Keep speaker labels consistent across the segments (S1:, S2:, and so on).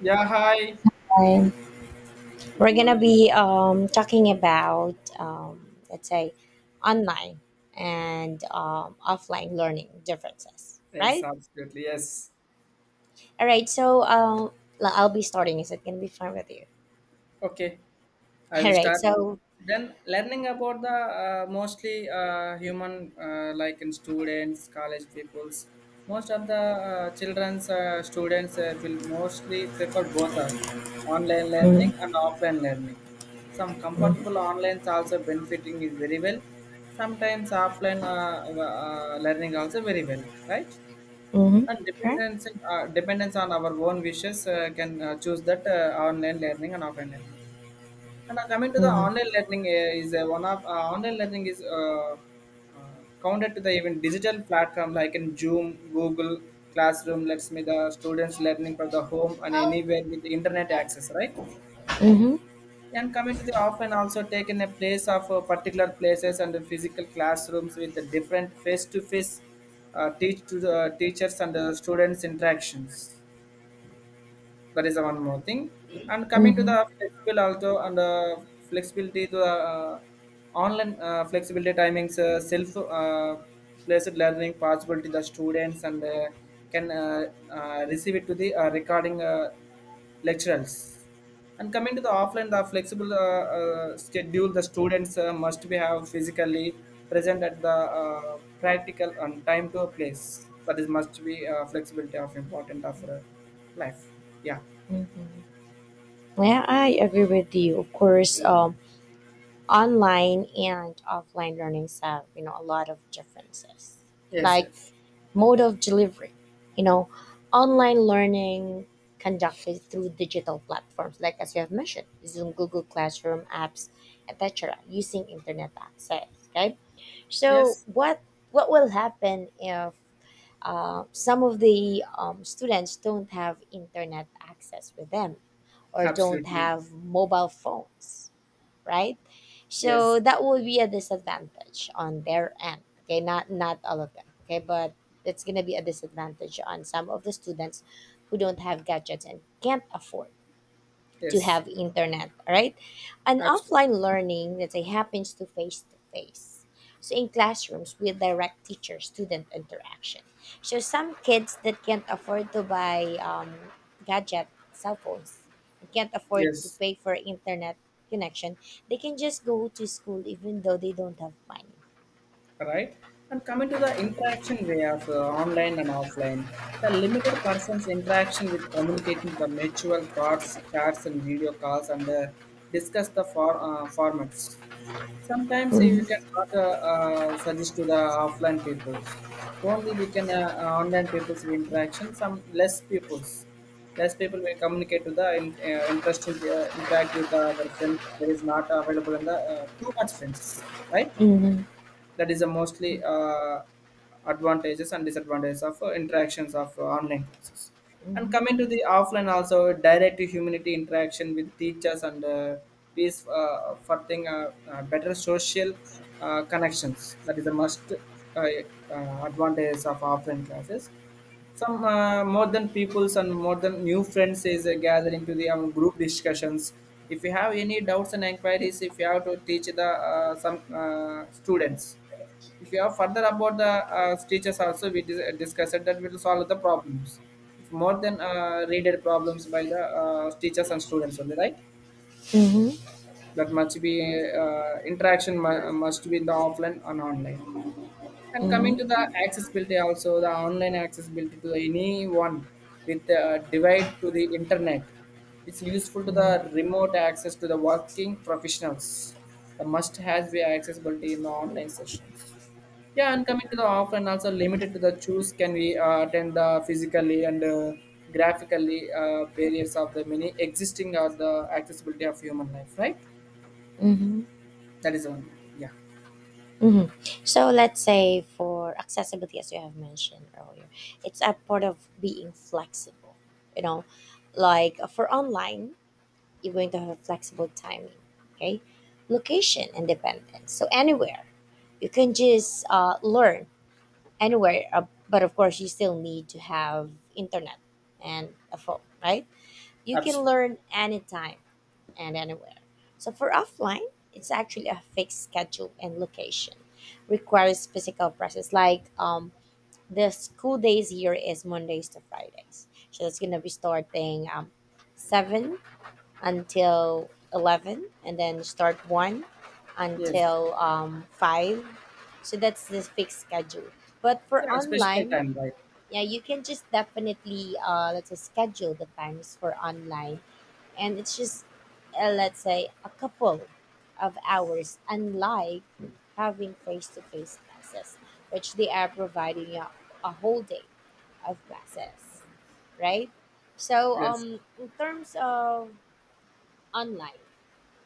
S1: Yeah, hi.
S2: Time,
S1: Good
S2: we're gonna
S1: morning.
S2: be talking about let's say online and offline learning differences,
S1: Yes,
S2: right?
S1: absolutely. Yes.
S2: All right, so I'll be starting. Is it gonna be fine with you?
S1: Okay, I will
S2: All right,
S1: start.
S2: so.
S1: Then learning about the mostly human like in students, college peoples. Most of the children's students will mostly prefer both of online learning
S2: Mhm.
S1: and offline learning. Some comfortable
S2: Mhm.
S1: online also benefiting is very well. Sometimes offline learning also very well, right?
S2: Mhm.
S1: And
S2: Sure.
S1: dependence, dependence on our own wishes can choose that online learning and offline learning. And coming to the online
S2: Mm-hmm.
S1: learning is one of online learning is counted to the even digital platform like in Zoom, Google Classroom. Let's me the students learning from the home and anywhere with the internet access, right?
S2: Mm-hmm.
S1: And coming to the often also taken a place of particular places and the physical classrooms with the different face-to-face teach to the teachers and the students interactions. That is one more thing. And coming to
S2: Mm-hmm.
S1: the flexible also and flexibility to online flexibility timings, self placed learning possibility the students and can receive it to the recording lecturers. And coming to the offline, the flexible schedule, the students must be have physically present at the practical and time to a place. That is must be flexibility of important of life. Yeah.
S2: Mm-hmm. Yeah, I agree with you. Of course, online and offline learnings have a lot of differences,
S1: Yes.
S2: like
S1: Yes.
S2: mode of delivery, you know online learning conducted through digital platforms like, as you have mentioned, Zoom, Google Classroom apps, etc. using internet access. Okay, so
S1: Yes.
S2: what will happen if some of the students don't have internet access with them or don't
S1: Absolutely.
S2: have mobile phones, right?
S1: Yes.
S2: So that will be a disadvantage on their end. Okay, not all of them. Okay, but it's gonna be a disadvantage on some of the students who don't have gadgets and can't afford to
S1: Yes.
S2: have internet, right? An
S1: Absolutely.
S2: offline learning, let's say, happens to face to face. So in classrooms with direct teacher-student interaction. So some kids that can't afford to buy gadget, cell phones, and can't afford to
S1: Yes.
S2: pay for internet connection, they can just go to school even though they don't have money.
S1: Right? And coming to the interaction way of online and offline, the limited person's interaction with communicating the mutual thoughts, chats, and video calls, and discuss the for, formats. Sometimes we can
S2: Mhm.
S1: not suggest to the offline peoples. Only we can online peoples will interaction. Some less peoples, less people will communicate to the in, interesting interact with our friends. There is not available in the too much friends, right?
S2: Mhm.
S1: That is a mostly advantages and disadvantages of interactions of online classes, and
S2: Mhm.
S1: coming to the offline also direct to humanity interaction with teachers and peace for thing better social connections. That is the most uh, advantages of offline classes. Some more than peoples and more than new friends is gathering to the group discussions. If you have any doubts and inquiries, if you have to teach the some students, if you have further about the teachers, also we discussed that will solve the problems if more than readed problems by the teachers and students only, right?
S2: Mhm.
S1: That must be interaction must be in the offline and online. And coming to the
S2: Mhm.
S1: accessibility also, the online accessibility to anyone with a device to the internet. It's useful to the
S2: Mhm.
S1: remote access to the working professionals. The must has be accessibility in the online sessions. Yeah, and coming to the offline also limited to the choose can we attend the physically and graphically barriers of the many existing or the accessibility of human life, right?
S2: Mhm.
S1: That is one thing. Yeah,
S2: Mhm. So let's say for accessibility, as you have mentioned earlier, it's a part of being flexible. You know, like, for online, you're going to have a flexible timing, okay? Location independence. So anywhere, you can just learn anywhere. But of course, you still need to have internet and a phone, right? You can
S1: absolutely.
S2: learn anytime and anywhere. So for offline, it's actually a fixed schedule and location. Requires physical presence. Like the school days here is Mondays to Fridays. So it's gonna be starting 7 until 11, and then start 1
S1: Yes.
S2: until 5. So that's the fixed schedule. But for
S1: Yeah, especially
S2: online,
S1: time, right?
S2: yeah, you can just definitely let's say schedule the times for online, and it's just let's say a couple of hours, unlike having face-to-face classes which they are providing you a whole day of classes, right? So
S1: Yes,
S2: in terms of online,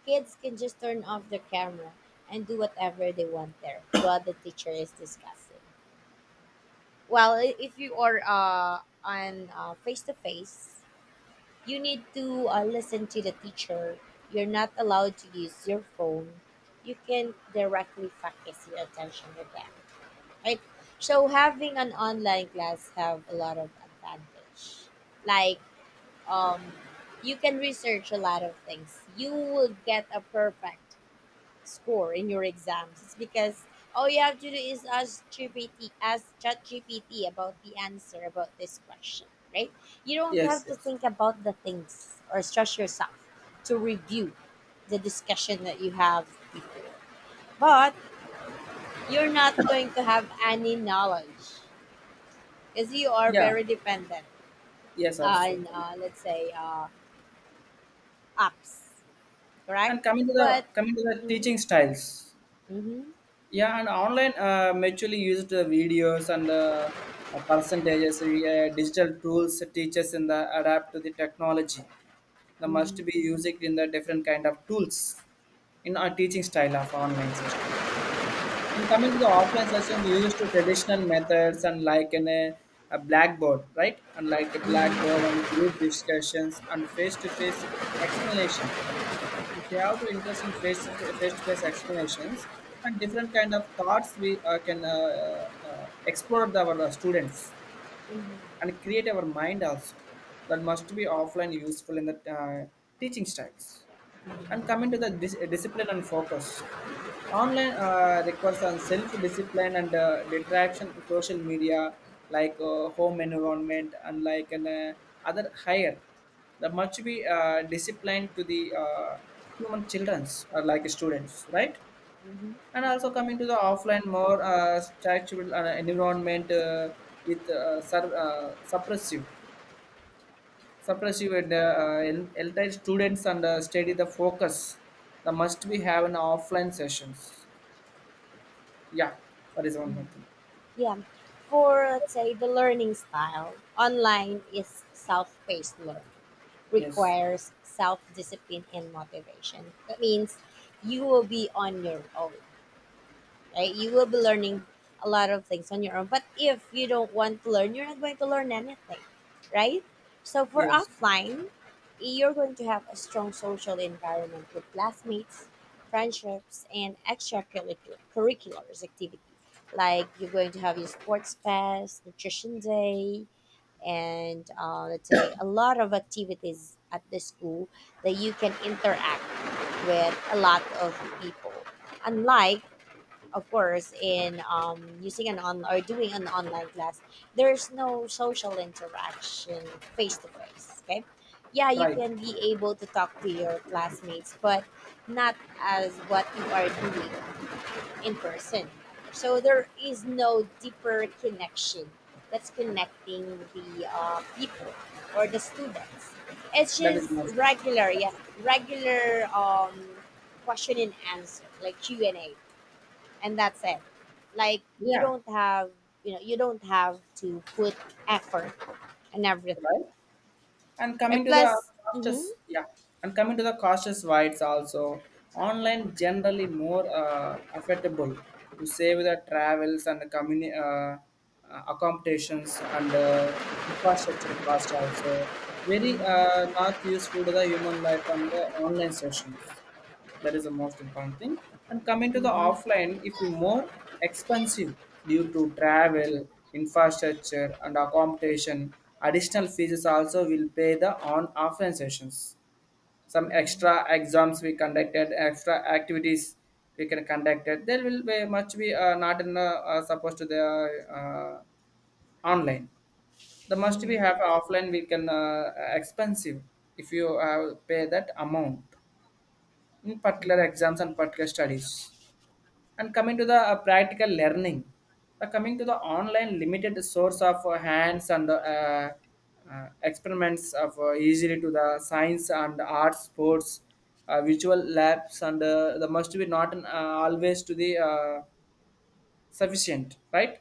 S2: kids can just turn off their camera and do whatever they want there while the teacher is discussing. Well, if you are on face-to-face, you need to listen to the teacher. You're not allowed to use your phone. You can directly focus your attention with them, right? So having an online class have a lot of advantage. Like um, you can research a lot of things. You will get a perfect score in your exams. It's because all you have to do is ask GPT, ask ChatGPT about the answer about this question, right? You don't
S1: yes,
S2: have to
S1: yes.
S2: think about the things or stress yourself to review the discussion that you have before. But you're not going to have any knowledge because you are
S1: Yeah,
S2: very dependent
S1: yes,
S2: on,
S1: absolutely.
S2: let's say, apps, correct?
S1: And coming to
S2: But,
S1: the
S2: mm-hmm.
S1: teaching styles,
S2: Mm-hmm.
S1: yeah, and online mutually used videos and percentages, digital tools, teachers in the adapt to the technology. They must
S2: Mm-hmm.
S1: be using in the different kind of tools in our teaching style of online session. And coming to the offline sessions used to traditional methods and like in a blackboard, right? And like a blackboard and group discussions and face-to-face explanations. If you have to interest in face face to face explanations and different kind of thoughts, we can explore the, our students and create our mind also. That must be offline useful in the teaching styles. And coming to the discipline and focus, online requires on self discipline and detraction to social media like home environment and like an other higher. That must be disciplined to the human childrens or like students, right?
S2: Mm-hmm.
S1: And also coming to the offline more structural environment with suppressive and elder students and study the focus, the must we have an offline sessions. Yeah, that is one
S2: Mm-hmm.
S1: more thing.
S2: Yeah. For let's say the learning style, online is self-paced learning,
S1: Yes.
S2: requires self-discipline and motivation. That means you will be on your own, right? You will be learning a lot of things on your own. But if you don't want to learn, you're not going to learn anything, right? So for
S1: Yes.
S2: offline, you're going to have a strong social environment with classmates, friendships, and extracurriculars activity. Like you're going to have your sports fest, nutrition day, and let's say a lot of activities at the school that you can interact with a lot of people, unlike, of course, in using an on or doing an online class, there's no social interaction face to face. Okay, yeah, you
S1: Right.
S2: can be able to talk to your classmates, but not as what you are doing in person. So there is no deeper connection that's connecting the people or the students. It's
S1: That
S2: just
S1: is must.
S2: regular, yeah, regular question and answer like Q and A, and that's it. Like you
S1: Yeah.
S2: don't have, you don't have to put effort and everything.
S1: Right. And coming
S2: Right?
S1: to the
S2: Plus, mm-hmm.
S1: costs, yeah, and coming to the costs wise also, online generally more affordable to save the travels and the accommodations and infrastructure cost also. Very not useful to the human life and the online sessions. That is the most important thing. And coming to the
S2: Mm-hmm.
S1: offline, if you more expensive due to travel, infrastructure and accommodation, additional fees also will pay the on offline sessions. Some extra exams we conducted, extra activities we can conducted. There will be much be not in supposed to the uh, online, the must we
S2: Mm-hmm.
S1: have offline we can expensive if you pay that amount in particular exams and particular studies. And coming to the practical learning, coming to the online limited source of hands and experiments of easily to the science and arts, sports, visual labs, and the must be not an, always to the sufficient, right?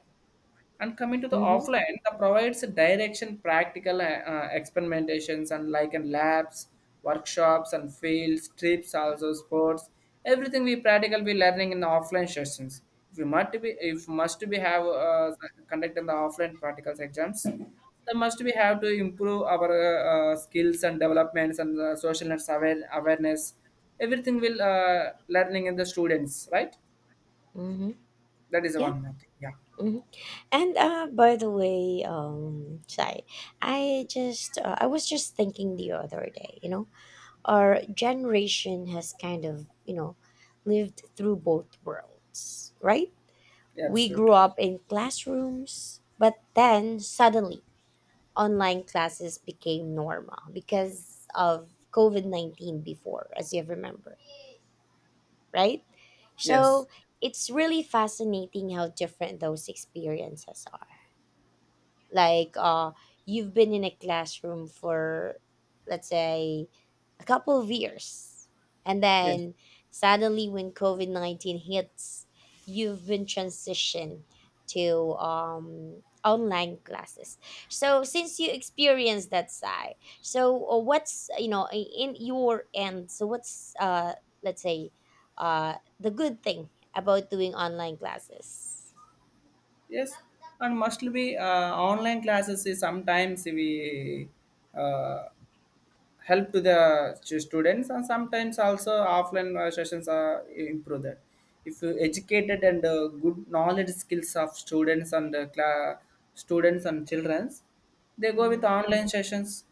S1: And coming to the
S2: Mm-hmm.
S1: offline, that provides a direction, practical experimentations, and like in labs, workshops, and fields, trips, also sports. Everything we practical we learning in the offline sessions. If we must be, if must be have conduct in the offline practicals exams, then must we have to improve our skills and developments and social nets awareness. Everything will learning in the students, right?
S2: Mm-hmm.
S1: That is
S2: Yeah.
S1: one more thing. Yeah.
S2: Mm-hmm. And by the way, Sai, I was just thinking the other day, you know, our generation has kind of, you know, lived through both worlds, right?
S1: Yeah,
S2: We grew
S1: absolute.
S2: up in classrooms, but then suddenly online classes became normal because of COVID 19 before, as you remember, right?
S1: Yes.
S2: So it's really fascinating how different those experiences are, like, you've been in a classroom for, let's say, a couple of years, and
S1: Yes.
S2: then suddenly when covid-19 hits, you've been transitioned to online classes. So since you experienced that side, so what's you know I- in your end, so what's let's say uh the good thing about doing online classes?
S1: Yes. And must be online classes is sometimes we uh, help to the students, and sometimes also offline sessions are improve that. If you educated and good knowledge skills of students and students and childrens, they go with
S2: Mm.
S1: online sessions.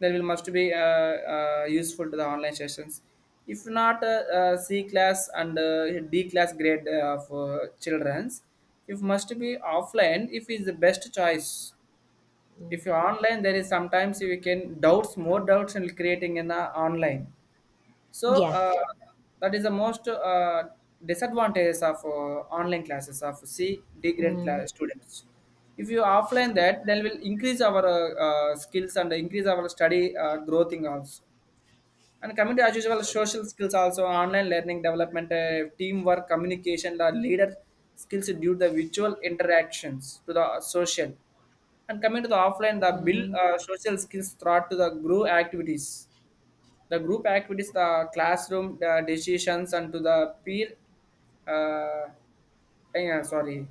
S1: There will must be useful to the online sessions. If not c class and d class grade of children's, if must be offline, if is the best choice.
S2: Mm.
S1: If you're online, there is sometimes you can doubts, more doubts in creating in the online, so
S2: Yeah.
S1: that is the most disadvantages of online classes of c d grade
S2: Mm.
S1: class students. If you offline, that then will increase our skills and increase our study growth in also. And coming to as usual, social skills also, online learning development, teamwork, communication, the leader skills due to the virtual interactions to the social. And coming to the offline, the build
S2: Mm-hmm.
S1: social skills throughout to the group activities. The group activities, the classroom the decisions, and to the peer. Uh, yeah, sorry,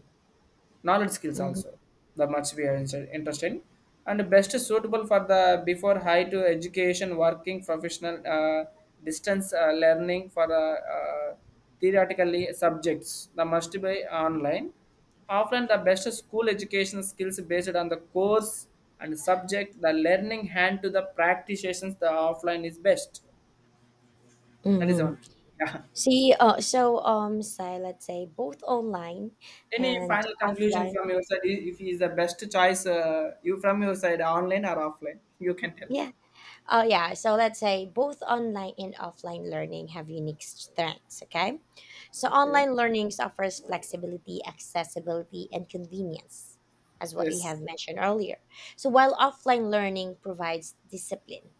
S1: knowledge skills
S2: Mhm.
S1: also, that much we are interested in, and best suitable for the before high to education working professional distance learning for theoretically subjects, that must be online. Offline, the best school education skills based on the course and subject, the learning hand to the practitioners, the offline is best. That is
S2: Mhm.
S1: one. Yeah.
S2: See, so say let's say both online
S1: Any
S2: and
S1: final conclusion
S2: offline.
S1: from your side? If he is the best choice, you from your side, online or offline, you can tell me.
S2: Yeah. Oh yeah, so let's say both online and offline learning have unique strengths, okay? So
S1: Okay.
S2: online learning offers flexibility, accessibility, and convenience, as what you
S1: Yes,
S2: have mentioned earlier. So while offline learning provides discipline,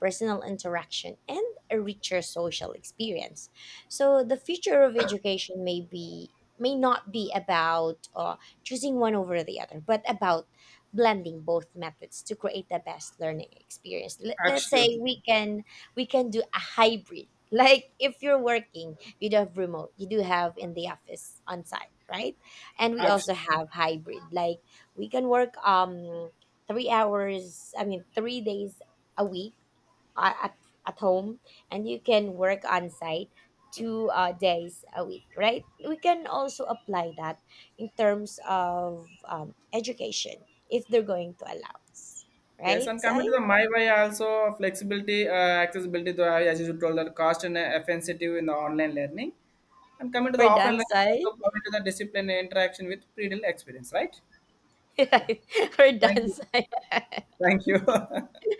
S2: personal interaction, and a richer social experience. So the future of education may be may not be about choosing one over the other, but about blending both methods to create the best learning experience. Let's say
S1: absolutely.
S2: we can, we can do a hybrid. Like if you're working, you do have remote, you do have in the office on site, right? And we also
S1: Absolutely.
S2: have hybrid. Like we can work three hours, I mean 3 days a week, uh, at, at home, and you can work on site 2 days a week, right? We can also apply that in terms of education if they're going to allow us,
S1: Yes,
S2: right,
S1: and
S2: Sai?
S1: coming to the my way also, flexibility, accessibility, to, as you told, the cost and offensive in the online learning, and coming to the
S2: We're
S1: offline
S2: done,
S1: learning
S2: Sai.
S1: also, coming to the discipline and interaction with pre experience, right? Yeah.
S2: We're
S1: Thank
S2: done,
S1: you.
S2: Sai.
S1: Thank you.